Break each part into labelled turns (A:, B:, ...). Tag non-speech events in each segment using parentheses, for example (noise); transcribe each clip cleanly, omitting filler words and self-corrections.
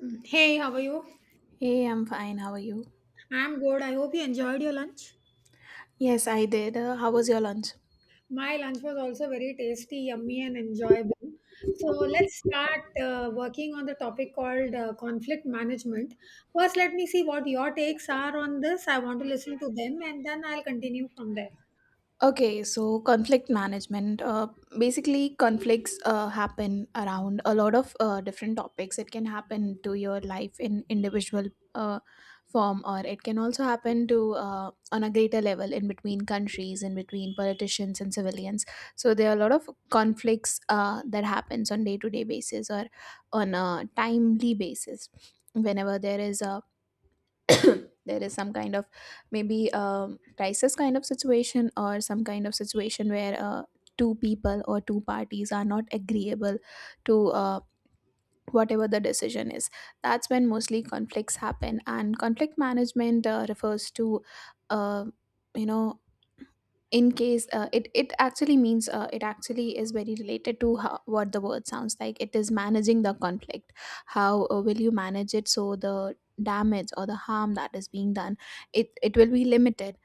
A: Mm. Hey, how are you?
B: Hey, I'm fine. How are you?
A: I'm good. I hope you enjoyed your lunch.
B: Yes, I did. How was your lunch?
A: My lunch was also very tasty, yummy, and enjoyable. So let's start working on the topic called conflict management. First, let me see what your takes are on this. I want to listen to them, and then I'll continue from there.
B: Okay, so conflict management. Basically, conflicts happen around a lot of different topics. It can happen to your life in individual uh, form, or it can also happen to on a greater level in between countries, in between politicians and civilians. So there are a lot of conflicts that happens on day to day basis or on a timely basis. Whenever there is a (coughs) there is some kind of maybe crisis kind of situation or some kind of situation where two people or two parties are not agreeable to whatever the decision is, that's when mostly conflicts happen and conflict management refers to uh, you know in case it actually means it actually is very related to how, what the word sounds like. It is managing the conflict. How will you manage it so the damage or the harm that is being done, it will be limited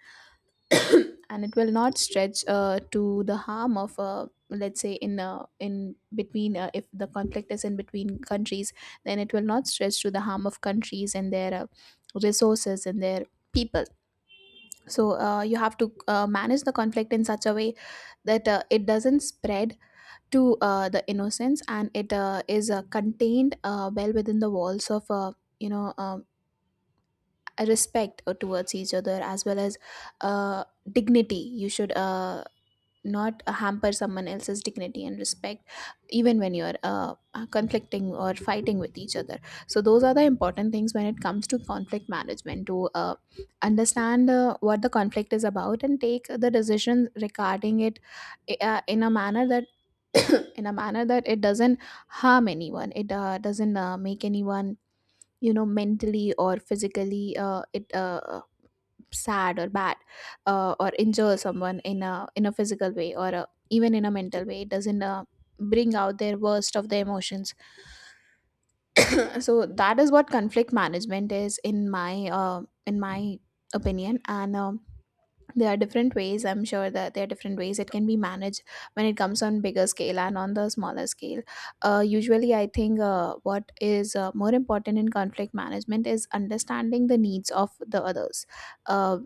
B: and it will not stretch to the harm of let's say in between, if the conflict is in between countries, then it will not stretch to the harm of countries and their resources and their people. So you have to manage the conflict in such a way that it doesn't spread to the innocents and it is contained well within the walls of you know um, a respect towards each other as well as uh, dignity. You should not hamper someone else's dignity and respect even when you're conflicting or fighting with each other. So those are the important things when it comes to conflict management, to understand what the conflict is about and take the decisions regarding it in a manner that (coughs) (clears throat) in a manner that it doesn't harm anyone, it doesn't make anyone mentally or physically it sad or bad, or injure someone in a physical way or a, even in a mental way. It doesn't bring out their worst of the emotions. (coughs) (clears throat) So that is what conflict management is in my opinion. And there are different ways. I'm sure that there are different ways it can be managed, when it comes on bigger scale and on the smaller scale. Usually I think what is more important in conflict management is understanding the needs of the others. uh,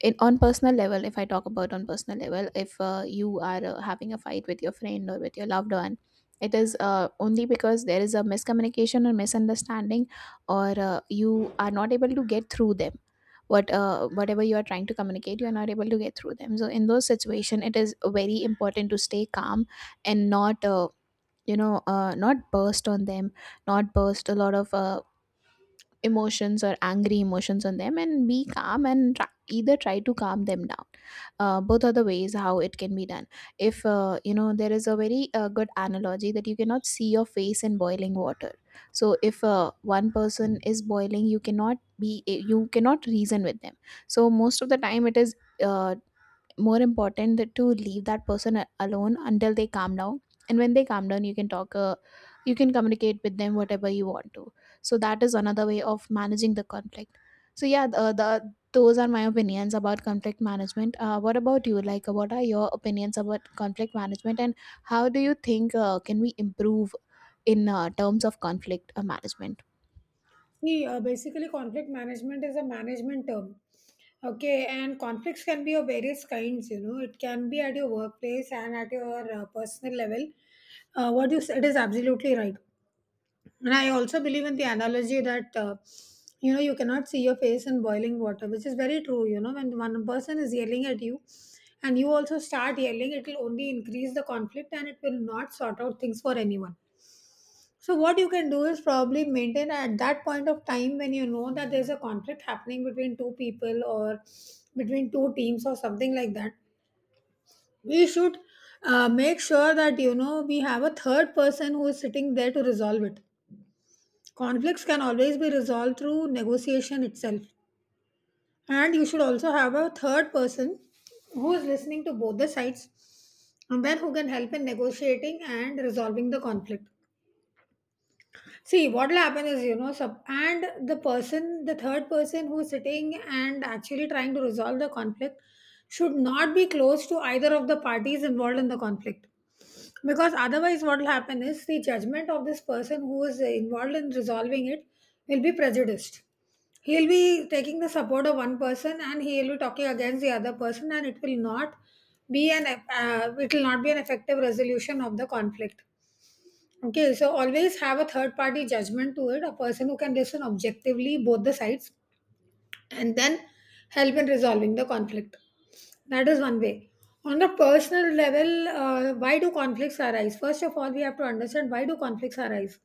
B: on personal level, if I talk about on personal level, if you are having a fight with your friend or with your loved one, it is only because there is a miscommunication or misunderstanding, or you are not able to get through them. What whatever you are trying to communicate, you are not able to get through them. So in those situation it is very important to stay calm and not not burst on them, not burst a lot of emotions or angry emotions on them, and be calm and either try to calm them down. Both are the ways how it can be done. If there is a very good analogy that you cannot see your face in boiling water. So if one person is boiling, you cannot reason with them. So most of the time it is uh, more important that to leave that person alone until they calm down, and when they calm down you can talk, you can communicate with them whatever you want to. So that is another way of managing the conflict. So yeah, the those are my opinions about conflict management. What about you? Like, what are your opinions about conflict management, and how do you think can we improve in terms of conflict management?
A: See, basically, conflict management is a management term. Okay, and conflicts can be of various kinds. You know, it can be at your workplace and at your personal level. What you said is absolutely right. And I also believe in the analogy that, you know, you cannot see your face in boiling water, which is very true. You know, when one person is yelling at you and you also start yelling, it will only increase the conflict and it will not sort out things for anyone. So, what you can do is probably maintain at that point of time when you know that there's a conflict happening between two people or between two teams or something like that. We should make sure that, you know, we have a third person who is sitting there to resolve it. Conflicts can always be resolved through negotiation itself. And you should also have a third person who is listening to both the sides and then who can help in negotiating and resolving the conflict. See, what'll happen is, you know, and the person, the third person who's sitting and actually trying to resolve the conflict should not be close to either of the parties involved in the conflict. Because otherwise, what'll happen is the judgment of this person who is involved in resolving it will be prejudiced. He'll be taking the support of one person and he'll be talking against the other person, and it will not be an effective resolution of the conflict. Okay, so always have a third party judgment to it, a person who can listen objectively both the sides and then help in resolving the conflict. That is one way. On a personal level, why do conflicts arise? First of all, we have to understand why do conflicts arise.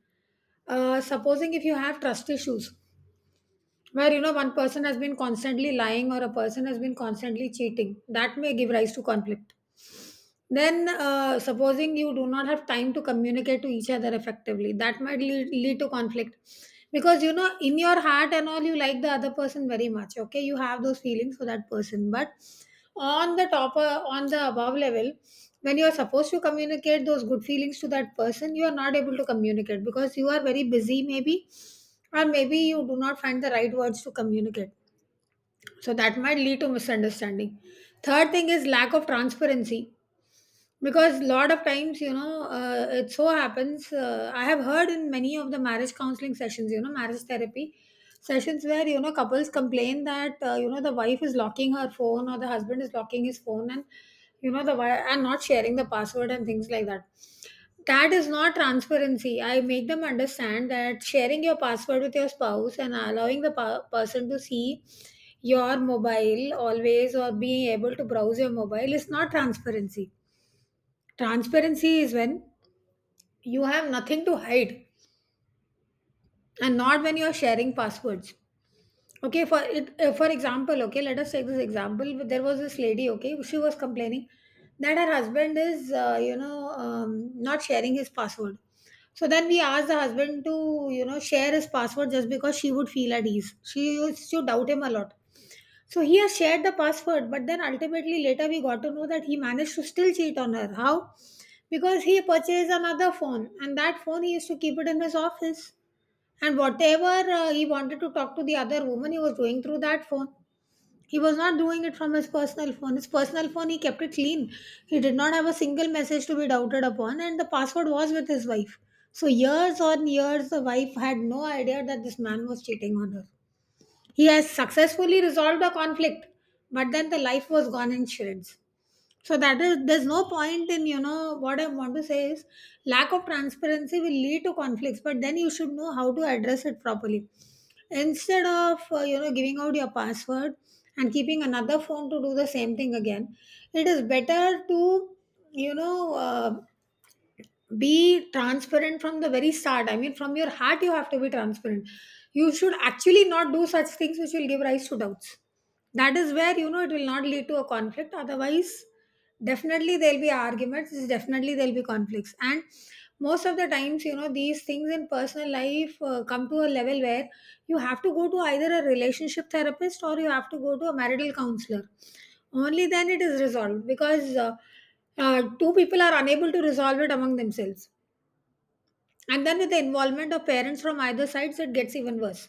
A: Supposing if you have trust issues, where you know one person has been constantly lying or a person has been constantly cheating, that may give rise to conflict. Then, supposing you do not have time to communicate to each other effectively, that might lead to conflict. Because, you know, in your heart and all, you like the other person very much, okay? You have those feelings for that person. But on the top, on the above level, when you are supposed to communicate those good feelings to that person, you are not able to communicate because you are very busy, maybe, or maybe you do not find the right words to communicate. So that might lead to misunderstanding. Third thing is lack of transparency, because a lot of times, you know, it so happens, I have heard in many of the marriage counseling sessions, you know, marriage therapy sessions, where you know couples complain that, you know, the wife is locking her phone or the husband is locking his phone and, you know, and not sharing the password and things like that. That is not transparency. I make them understand that sharing your password with your spouse and allowing the person to see your mobile always or being able to browse your mobile is not transparency. Transparency is when you have nothing to hide and not when you are sharing passwords. Okay, for it, for example, okay, let us take this example. There was this lady, okay, she was complaining that her husband is, not sharing his password. So then we asked the husband to, you know, share his password just because she would feel at ease. She used to doubt him a lot. So he has shared the password, but then ultimately later we got to know that he managed to still cheat on her. How? Because he purchased another phone, and that phone he used to keep it in his office. And whatever he wanted to talk to the other woman, he was doing through that phone. He was not doing it from his personal phone. His personal phone, he kept it clean. He did not have a single message to be doubted upon, and the password was with his wife. So, years on years, the wife had no idea that this man was cheating on her. He has successfully resolved a conflict, but then the life was gone in shreds. So that is, there's no point in, you know, what I want to say is lack of transparency will lead to conflicts, but then you should know how to address it properly. Instead of, you know, giving out your password and keeping another phone to do the same thing again, it is better to, you know. Be transparent from the very start. I mean, from your heart you have to be transparent. You should actually not do such things which will give rise to doubts. That is where, you know, it will not lead to a conflict. Otherwise, definitely there'll be arguments, definitely there'll be conflicts. And most of the times, you know, these things in personal life come to a level where you have to go to either a relationship therapist or you have to go to a marital counselor. Only then it is resolved, because two people are unable to resolve it among themselves, and then with the involvement of parents from either sides it gets even worse.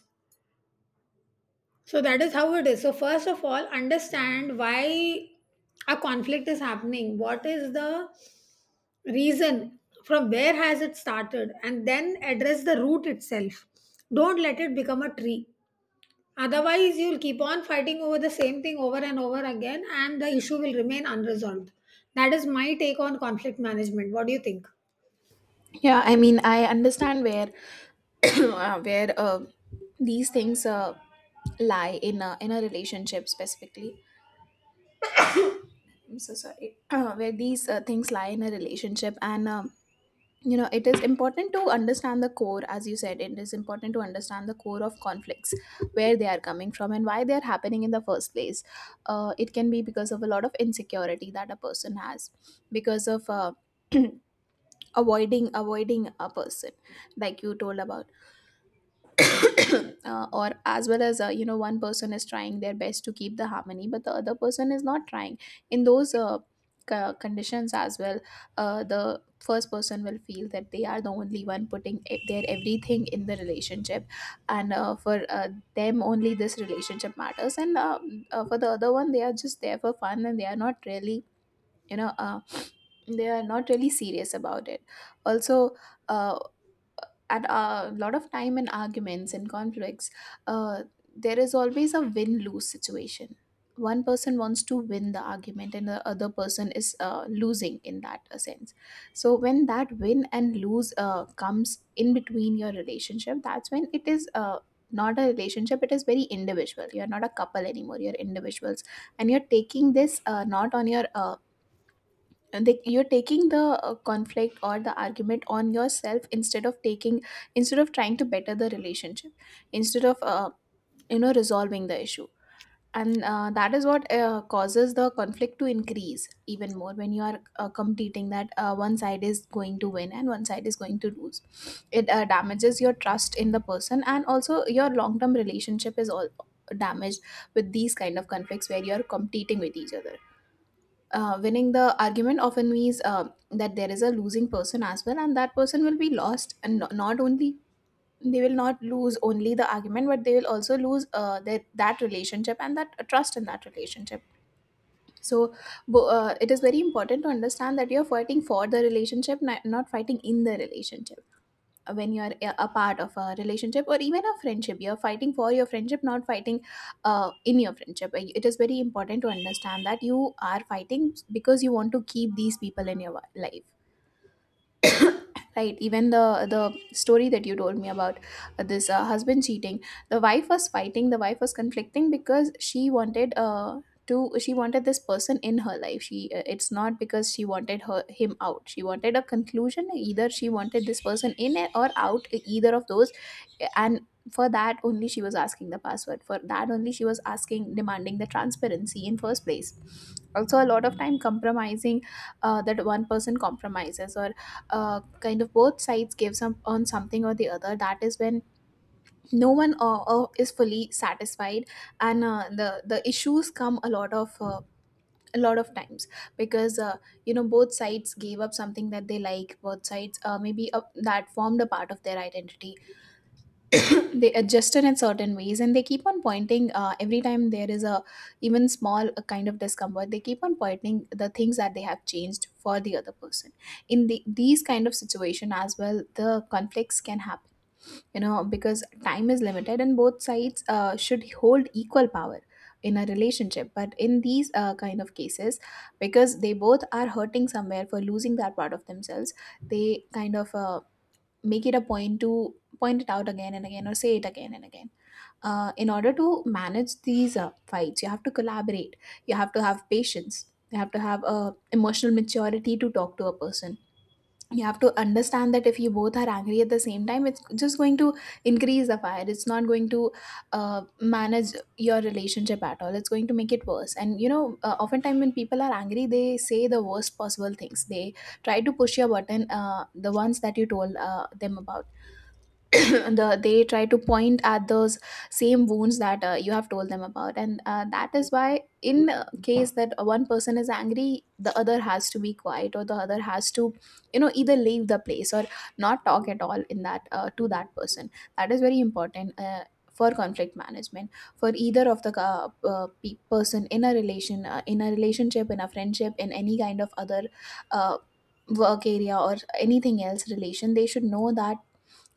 A: So that is how it is. So first of all, understand why a conflict is happening, what is the reason, from where has it started, and then address the root itself. Don't let it become a tree. Otherwise, you'll keep on fighting over the same thing over and over again and the issue will remain unresolved. That is my take on conflict management. What do you think?
B: Yeah, I mean, I understand where (coughs) (clears throat) where these things lie in a relationship specifically. I'm so sorry. (coughs) (clears throat) Where these things lie in a relationship, and you know, it is important to understand the core, as you said. It is important to understand the core of conflicts, where they are coming from, and why they are happening in the first place. It can be because of a lot of insecurity that a person has, because of (coughs) (clears throat) avoiding a person, like you told about. (clears throat) Or as well as, one person is trying their best to keep the harmony but the other person is not trying in those conditions as well. The first person will feel that they are the only one putting their everything in the relationship, and for them only this relationship matters, and for the other one they are just there for fun and they are not really you know uh, (sniffs) they are not really serious about it. Also, uh, at a lot of time in arguments and conflicts, uh, there is always a win lose situation. One person wants to win the argument, and the other person is losing in that sense. So when that win and lose comes in between your relationship, that's when it is not a relationship, it is very individual. You're not a couple anymore, you're individuals, and you're taking this not on your you're taking the conflict or the argument on yourself, instead of taking, instead of trying to better the relationship, instead of resolving the issue. And that is what causes the conflict to increase even more, when you are competing that one side is going to win and one side is going to lose. It damages your trust in the person, and also your long term relationship is all damaged with these kind of conflicts where you are competing with each other. Winning the argument often means that there is a losing person as well, and that person will be lost, and not only they will not lose only the argument, but they will also lose that relationship and that trust in that relationship. So it is very important to understand that you are fighting for the relationship, not fighting in the relationship. When you are a part of a relationship or even a friendship, you're fighting for your friendship, not fighting in your friendship. Like, it is very important to understand that you are fighting because you want to keep these people in your life, right? Even the the story that you told me about, this husband cheating, the wife was fighting, the wife was conflicting because she wanted to, she wanted this person in her life. She it's not because she wanted her him out, she wanted a conclusion, either she wanted this person in or out, either of those. And for that only she was asking the password, for that only she was asking, demanding the transparency in first place. Also a lot of time compromising, that one person compromises, or kind of both sides give some on something or the other, that is when no one is fully satisfied. And the issues come a lot of times, because both sides gave up something that they like, both sides maybe that formed a part of their identity. (coughs) They adjusted in certain ways and they keep on pointing, every time there is a even small kind of discomfort, they keep on pointing the things that they have changed for the other person. In these kind of situation as well the conflicts can happen, because time is limited and both sides should hold equal power in a relationship. But in these kind of cases, because they both are hurting somewhere for losing that part of themselves, they kind of make it a point to point it out again and again, or say it again and again. In order to manage these fights, you have to collaborate, you have to have patience, you have to have emotional maturity to talk to a person. You have to understand that if you both are angry at the same time, it's just going to increase the fire. It's not going to manage your relationship at all. It's going to make it worse. And you know, oftentimes when people are angry, they say the worst possible things. They try to push your button, the ones that you told, them about. (coughs) (clears throat) They try to point at those same wounds that you have told them about, and that is why in, case that one person is angry, the other has to be quiet, or the other has to, you know, either leave the place or not talk at all in that, to that person. That is very important, for conflict management, for either of the, person in a relation, in a relationship, in a friendship, in any kind of other uh, work area or anything else relation. They should know that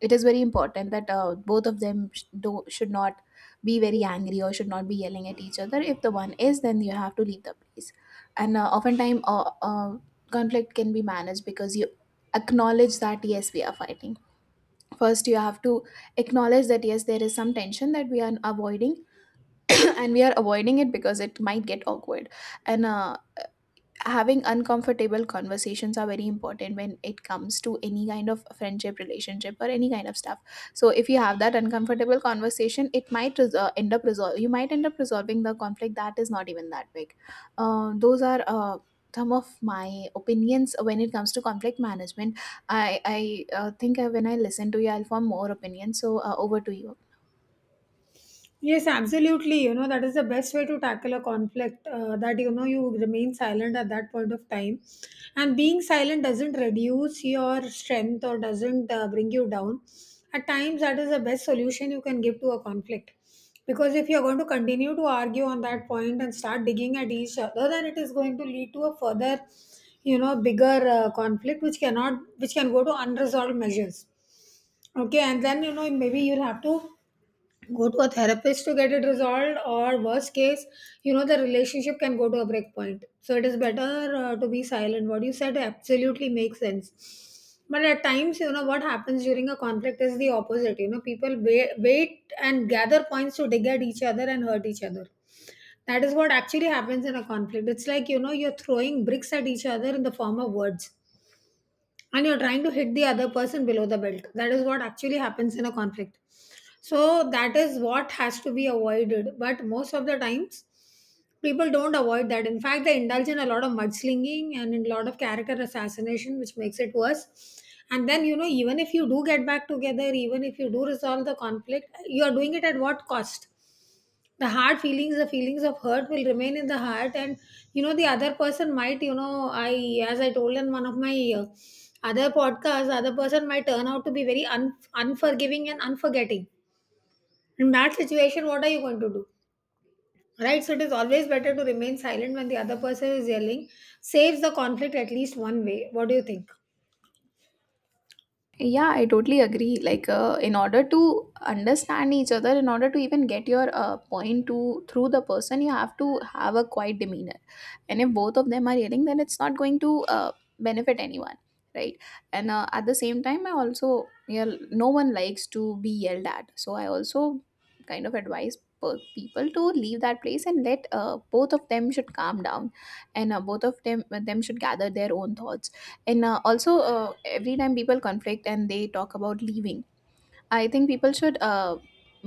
B: it is very important that, both of them should not be very angry or should not be yelling at each other. If the one is, then you have to leave the place. And oftentimes, conflict can be managed because you acknowledge that yes, we are fighting. First you have to acknowledge that yes, there is some tension that we are avoiding. (coughs) (clears throat) And we are avoiding it because it might get awkward. And having uncomfortable conversations are very important when it comes to any kind of friendship, relationship, or any kind of stuff. So if you have that uncomfortable conversation, it might end up you might end up resolving the conflict that is not even that big. Those are some of my opinions when it comes to conflict management. I think, when I listen to you, I'll form more opinions, so over to you.
A: Yes, absolutely. You know, that is the best way to tackle a conflict, that, you know, you remain silent at that point of time. And being silent doesn't reduce your strength or doesn't bring you down. At times, that is the best solution you can give to a conflict. Because if you're going to continue to argue on that point and start digging at each other, then it is going to lead to a further, you know, bigger conflict which cannot, which can go to unresolved measures. Okay. And then, you know, maybe you'll have to go to a therapist to get it resolved, or worst case, you know, the relationship can go to a break point. So it is better to be silent. What you said absolutely makes sense, but at times, you know, what happens during a conflict is the opposite. You know, people wait and gather points to dig at each other and hurt each other. That is what actually happens in a conflict. It's like, you know, you're throwing bricks at each other in the form of words, and you're trying to hit the other person below the belt. That is what actually happens in a conflict. So that is what has to be avoided, but most of the times people don't avoid that. In fact, they indulge in a lot of mudslinging and in a lot of character assassination which makes it worse. And then, you know, even if you do get back together, even if you do resolve the conflict, you are doing it at what cost? The hard feelings, the feelings of hurt will remain in the heart. And, you know, the other person might, you know, I, as I told in one of my other podcasts, the other person might turn out to be very unforgiving and unforgetting. In that situation, what are you going to do, right? So it is always better to remain silent when the other person is yelling. Saves the conflict at least one way. What do you think?
B: Yeah, I totally agree. Like, in order to understand each other, in order to even get your, point to through the person, you have to have a quiet demeanor. And if both of them are yelling, then it's not going to, benefit anyone, right? And at the same time, I also, yeah, no one likes to be yelled at. So I also kind of advise people to leave that place and let, both of them should calm down, and both of them should gather their own thoughts, and also every time people conflict and they talk about leaving, I think people should,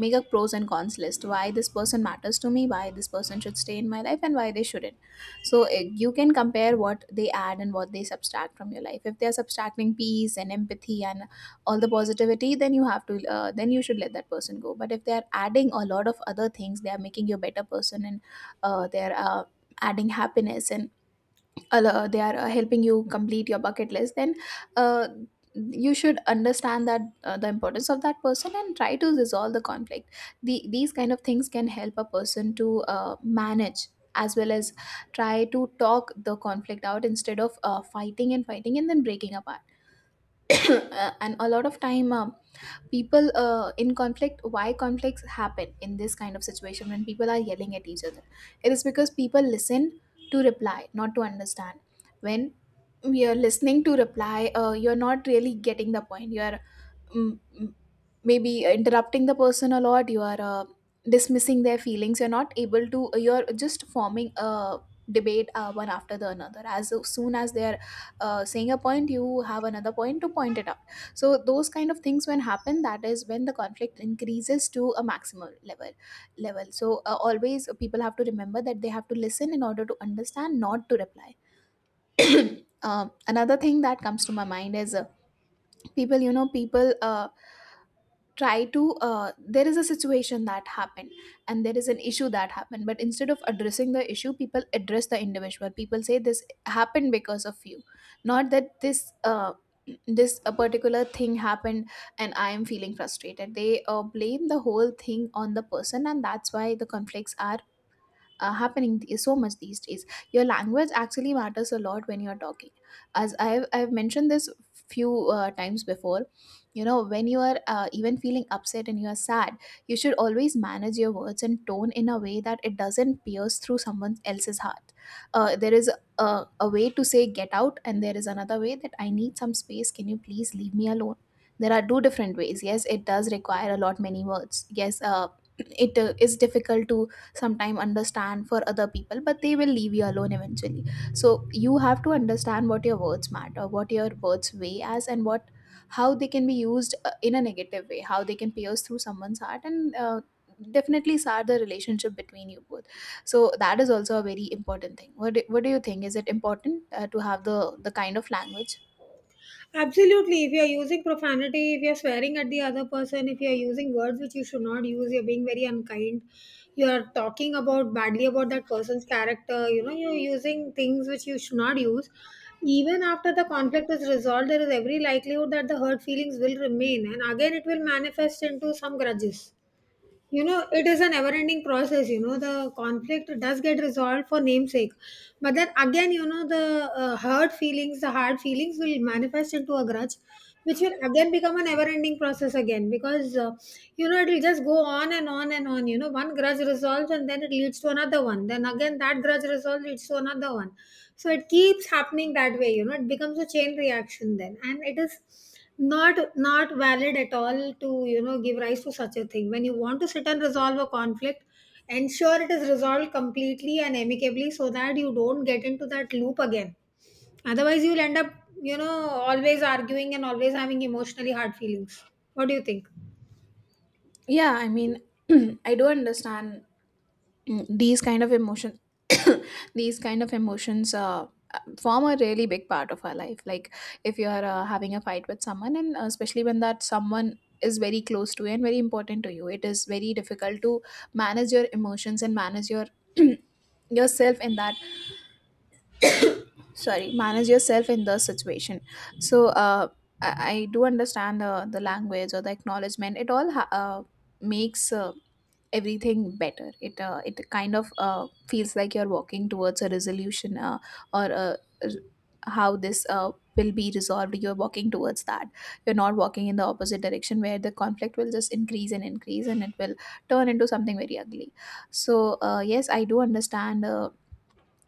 B: make a pros and cons list: why this person matters to me, why this person should stay in my life, and why they shouldn't. So you can compare what they add and what they subtract from your life. If they are subtracting peace and empathy and all the positivity, then you have to, then you should let that person go. But if they are adding a lot of other things, they are making you a better person, and they are adding happiness and they are, helping you complete your bucket list, then uh, you should understand that, the importance of that person and try to resolve the conflict. These kind of things can help a person to, manage as well as try to talk the conflict out instead of, fighting and fighting and then breaking apart. (coughs) (clears throat) And a lot of time, people, in conflict, why conflicts happen in this kind of situation when people are yelling at each other, it is because people listen to reply, not to understand. When we are listening to reply, you're not really getting the point. You're m- m- maybe interrupting the person a lot. You are, dismissing their feelings. You're not able to, you're just forming a debate, one after the another. As soon as they're, saying a point, you have another point to point it out. So those kind of things when happen, that is when the conflict increases to a maximum level. So always people have to remember that they have to listen in order to understand, not to reply. (coughs) (clears throat) Another thing that comes to my mind is, people, you know, people, try to there is a situation that happened and there is an issue that happened, but instead of addressing the issue, people address the individual. People say this happened because of you, not that this, this a particular thing happened and I am feeling frustrated. They, blame the whole thing on the person, and that's why the conflicts are, happening so much these days. Your language actually matters a lot when you're talking. As I've mentioned this few, times before, you know, when you are, even feeling upset and you are sad, you should always manage your words and tone in a way that it doesn't pierce through someone else's heart. There is a way to say get out, and there is another way, that I need some space, can you please leave me alone. There are two different ways. Yes, it does require a lot many words. Yes, (clears throat) it, is difficult to sometime understand for other people, but they will leave you alone eventually. So you have to understand what your words matter, what your words weigh as, and what, how they can be used, in a negative way, how they can pierce through someone's heart and, definitely sour the relationship between you both. So that is also a very important thing. What what do you think? Is it important, to have the kind of language?
A: Absolutely. If you're using profanity, if you're swearing at the other person, if you're using words which you should not use, you're being very unkind. You're talking about badly about that person's character. You know, you're using things which you should not use. Even after the conflict is resolved, there is every likelihood that the hurt feelings will remain, and again it will manifest into some grudges. You know, it is a never ending process. You know, the conflict does get resolved for namesake. But then again, you know, the hurt feelings, the hard feelings will manifest into a grudge, which will again become a never ending process again because it will just go on and on and on. You know, one grudge resolves and then it leads to another one. Then again, that grudge resolves leads to another one. So it keeps happening that way. You know, it becomes a chain reaction then. And it is not valid at all to you know give rise to such a thing when you want to sit and resolve a conflict, ensure it is resolved completely and amicably so that you don't get into that loop again. Otherwise you'll end up, you know, always arguing and always having emotionally hard feelings. What do you think?
B: Yeah, I mean, (clears throat) I do understand, these kind of emotion (coughs) these kind of emotions, form a really big part of our life. Like, if you're, having a fight with someone, and especially when that someone is very close to you and very important to you, it is very difficult to manage your emotions and manage your (coughs) (clears throat) yourself in that, sorry, manage yourself in the situation. So I, I do understand the language or the acknowledgement, it all makes, everything better. It, it kind of, feels like you're walking towards a resolution, or r- how this, will be resolved. You're walking towards that. You're not walking in the opposite direction where the conflict will just increase and increase and it will turn into something very ugly. So yes, I do understand,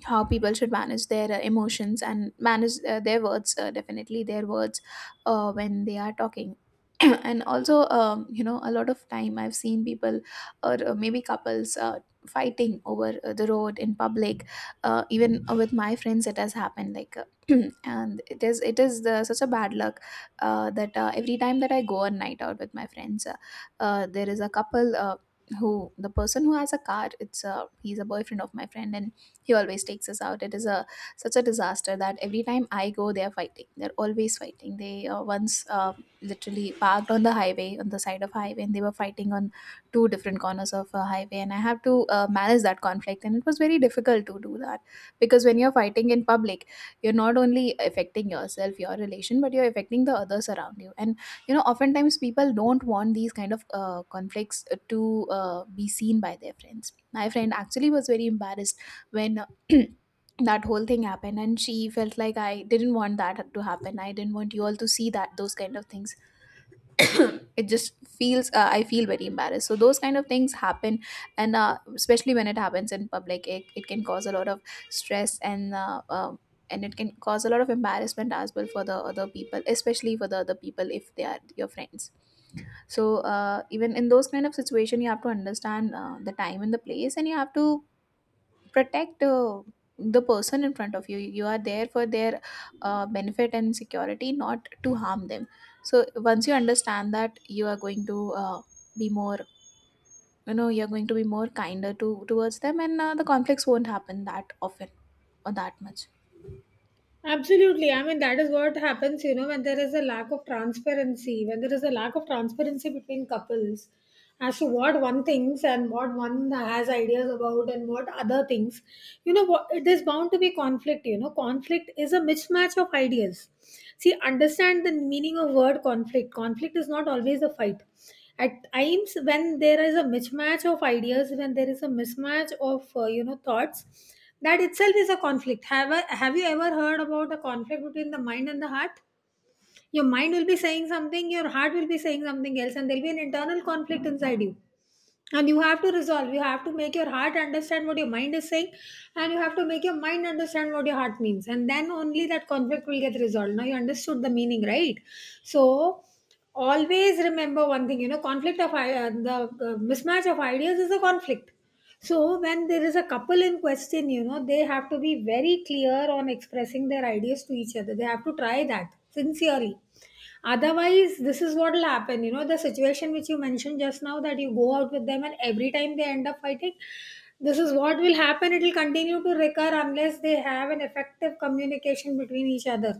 B: how people should manage their, emotions and manage, their words, definitely their words, when they are talking. (clears throat) And also, you know, a lot of time I've seen people or, maybe couples, fighting over, the road in public. Even with my friends it has happened. Like, (clears throat) and it is, it is such a bad luck, that, every time that I go on night out with my friends, there is a couple, who, the person who has a car, it's, he's a boyfriend of my friend, and he always takes us out. It is a such a disaster that every time I go, they're fighting. They're always fighting. They, once, literally parked on the highway, on the side of highway, and they were fighting on two different corners of a highway, and I have to, manage that conflict, and it was very difficult to do that. Because when you're fighting in public, you're not only affecting yourself, your relation, but you're affecting the others around you. And you know, oftentimes people don't want these kind of, conflicts to, be seen by their friends. My friend actually was very embarrassed when (clears throat) that whole thing happened, and she felt like, I didn't want that to happen, I didn't want you all to see that. Those kind of things, (clears throat) it just feels, I feel very embarrassed. So those kind of things happen, and especially when it happens in public, it can cause a lot of stress and, and it can cause a lot of embarrassment as well for the other people, especially for the other people if they are your friends. So even in those kind of situation, you have to understand, the time and the place, and you have to protect, the person in front of you. You are there for their, benefit and security, not to harm them. So once you understand that, you are going to, uh, be more you know, you're going to be more kinder to towards them, and the conflicts won't happen that often or that much.
A: Absolutely. I mean, that is what happens, you know, when there is a lack of transparency, when there is a lack of transparency between couples as to what one thinks and what one has ideas about and what other thinks. You know, what, it is bound to be conflict. You know, conflict is a mismatch of ideas. See, understand the meaning of word conflict. Conflict is not always a fight. At times, when there is a mismatch of ideas, when there is a mismatch of, you know, thoughts, that itself is a conflict. Have you ever heard about a conflict between the mind and the heart? Your mind will be saying something, your heart will be saying something else, and there'll be an internal conflict inside you, and you have to resolve, you have to make your heart understand what your mind is saying, and you have to make your mind understand what your heart means, and then only that conflict will get resolved. Now you understood the meaning, right? So always remember one thing, you know, the mismatch of ideas is a conflict. So when there is a couple in question, you know, they have to be very clear on expressing their ideas to each other. They have to try that sincerely. Otherwise this is what will happen. You know, the situation which you mentioned just now, that you go out with them and every time they end up fighting, this is what will happen. It will continue to recur unless they have an effective communication between each other.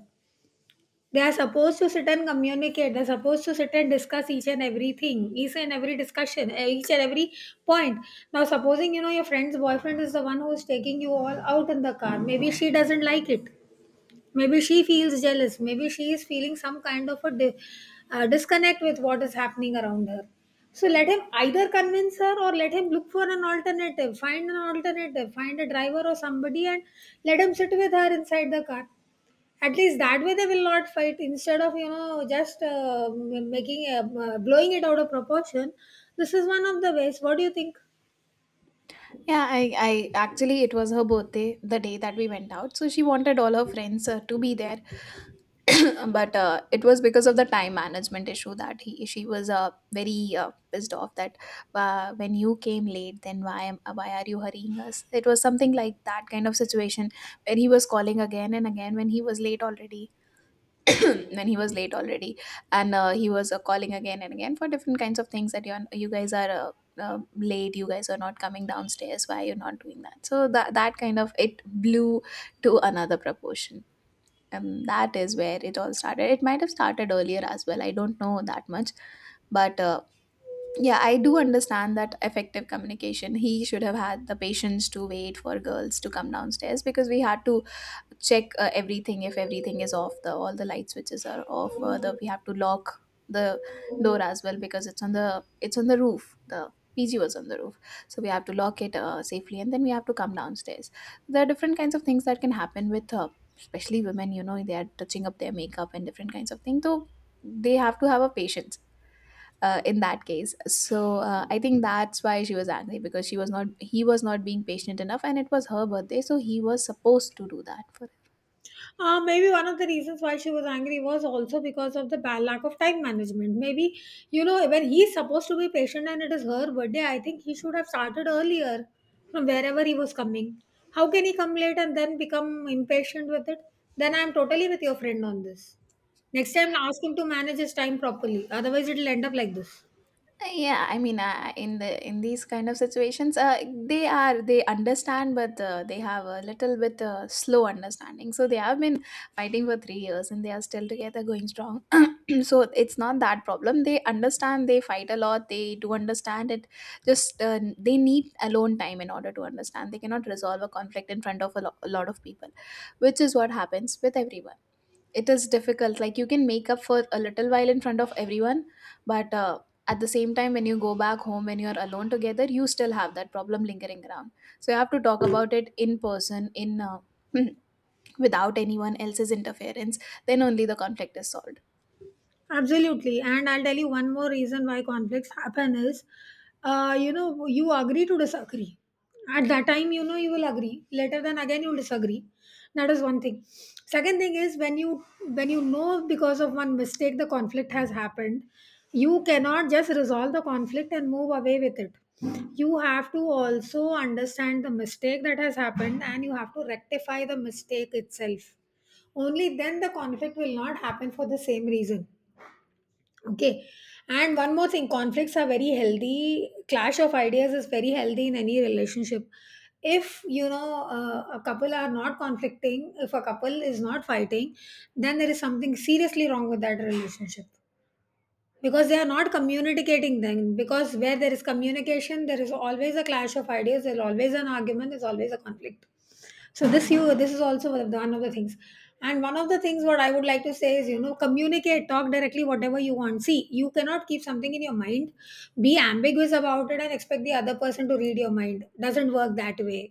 A: They are supposed to sit and communicate, they're supposed to sit and discuss each and everything, each and every discussion, each and every point. Now supposing, you know, your friend's boyfriend is the one who's taking you all out in the car, maybe she doesn't like it, maybe she feels jealous, maybe she is feeling some kind of a disconnect with what is happening around her. So let him either convince her or let him look for an alternative, find an alternative, find a driver or somebody, and let him sit with her inside the car. At least that way they will not fight, instead of, you know, just making a blowing it out of proportion. This is one of the ways. What do you think?
B: Yeah, I actually, it was her birthday the day that we went out, so she wanted all her friends, to be there. (laughs) (clears throat) But it was because of the time management issue that He she was very pissed off that when you came late then why are you hurrying us? It was something like that kind of situation where he was calling again and again when he was late already. (coughs) (clears throat) when he was late already And he was calling again and again for different kinds of things, that you guys are uh, late, you guys are not coming downstairs, why are you not doing that? So that kind of it blew to another proportion. That is where it all started. It might have started earlier as well. I don't know that much, but yeah, I do understand that effective communication. He should have had the patience to wait for girls to come downstairs, because we had to check everything, if everything is off, the all the light switches are off, the we have to lock the door as well because it's on the roof. The pg was on the roof, so we have to lock it safely and then we have to come downstairs. There are different kinds of things that can happen with especially women, you know, they are touching up their makeup and different kinds of things, so they have to have a patience in that case. So I think that's why she was angry, because she was not he was not being patient enough, and it was her birthday, so he was supposed to do that for.
A: Maybe one of the reasons why she was angry was also because of the bad lack of time management. Maybe, you know, when he's supposed to be patient and it is her birthday, I think he should have started earlier from wherever he was coming. How can he come late and then become impatient with it? Then I'm totally with your friend on this. Next time, ask him to manage his time properly. Otherwise, it'll end up like this.
B: Yeah, in the in these kind of situations, they are they understand, but they have a little bit slow understanding, so they have been fighting for 3 years and they are still together going strong. (clears throat) So it's not that problem, they understand, they fight a lot, they do understand it, just they need alone time in order to understand. They cannot resolve a conflict in front of a lot of people, which is what happens with everyone. It is difficult, like you can make up for a little while in front of everyone, but at the same time when you go back home, when you're alone together, you still have that problem lingering around. So you have to talk about it in person, in (clears throat) without anyone else's interference, then only the conflict is solved.
A: Absolutely. And I'll tell you one more reason why conflicts happen is, you know, you agree to disagree. At that time, you know, you will agree. Later, then again, you'll disagree. That is one thing. Second thing is when you know because of one mistake the conflict has happened, you cannot just resolve the conflict and move away with it. You have to also understand the mistake that has happened and you have to rectify the mistake itself. Only then the conflict will not happen for the same reason. Okay. And one more thing, conflicts are very healthy. Clash of ideas is very healthy in any relationship. If you know, a couple are not conflicting, if a couple is not fighting, then there is something seriously wrong with that relationship, because they are not communicating then. Because where there is communication there is always a clash of ideas, there's always an argument, there's always a conflict. So this is also one of the, one of the things. And one of the things what I would like to say is, you know, communicate, talk directly whatever you want. See, you cannot keep something in your mind, be ambiguous about it and expect the other person to read your mind. Doesn't work that way.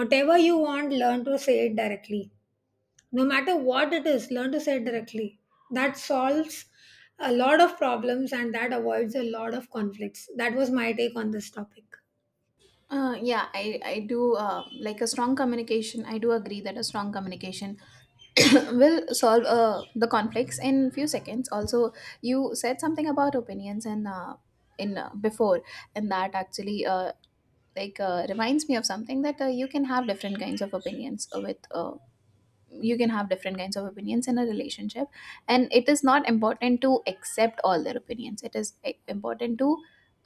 A: Whatever you want, learn to say it directly. No matter what it is, learn to say it directly. That solves a lot of problems and that avoids a lot of conflicts. That was my take on this topic.
B: Yeah, I do like a strong communication. I do agree that a strong communication (coughs) (clears throat) will solve the conflicts in few seconds. Also, you said something about opinions and in before, and that actually reminds me of something, that you can have different kinds of opinions with you can have different kinds of opinions in a relationship. And it is not important to accept all their opinions, it is important to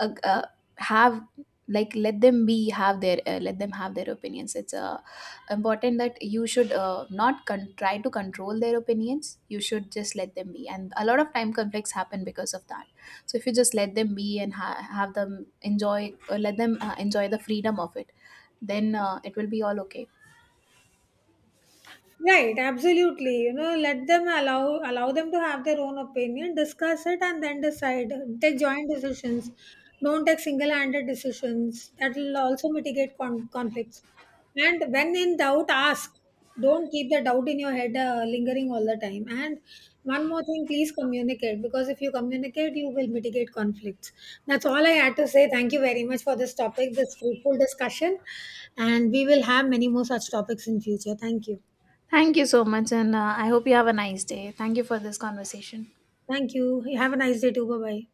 B: uh, uh, have, like let them be have their let them have their opinions. It's important that you should not con- try to control their opinions, you should just let them be, and a lot of time conflicts happen because of that. So if you just let them be and have them enjoy, or let them enjoy the freedom of it, then it will be all okay.
A: Right, absolutely. You know, let them allow them to have their own opinion, discuss it, and then decide. Take joint decisions. Don't take single-handed decisions. That will also mitigate conflicts. And when in doubt, ask. Don't keep the doubt in your head lingering all the time. And one more thing, please communicate, because if you communicate, you will mitigate conflicts. That's all I had to say. Thank you very much for this topic, this fruitful discussion, and we will have many more such topics in future. Thank you.
B: Thank you so much, and I hope you have a nice day. Thank you for this conversation.
A: Thank you. Have a nice day too. Bye bye.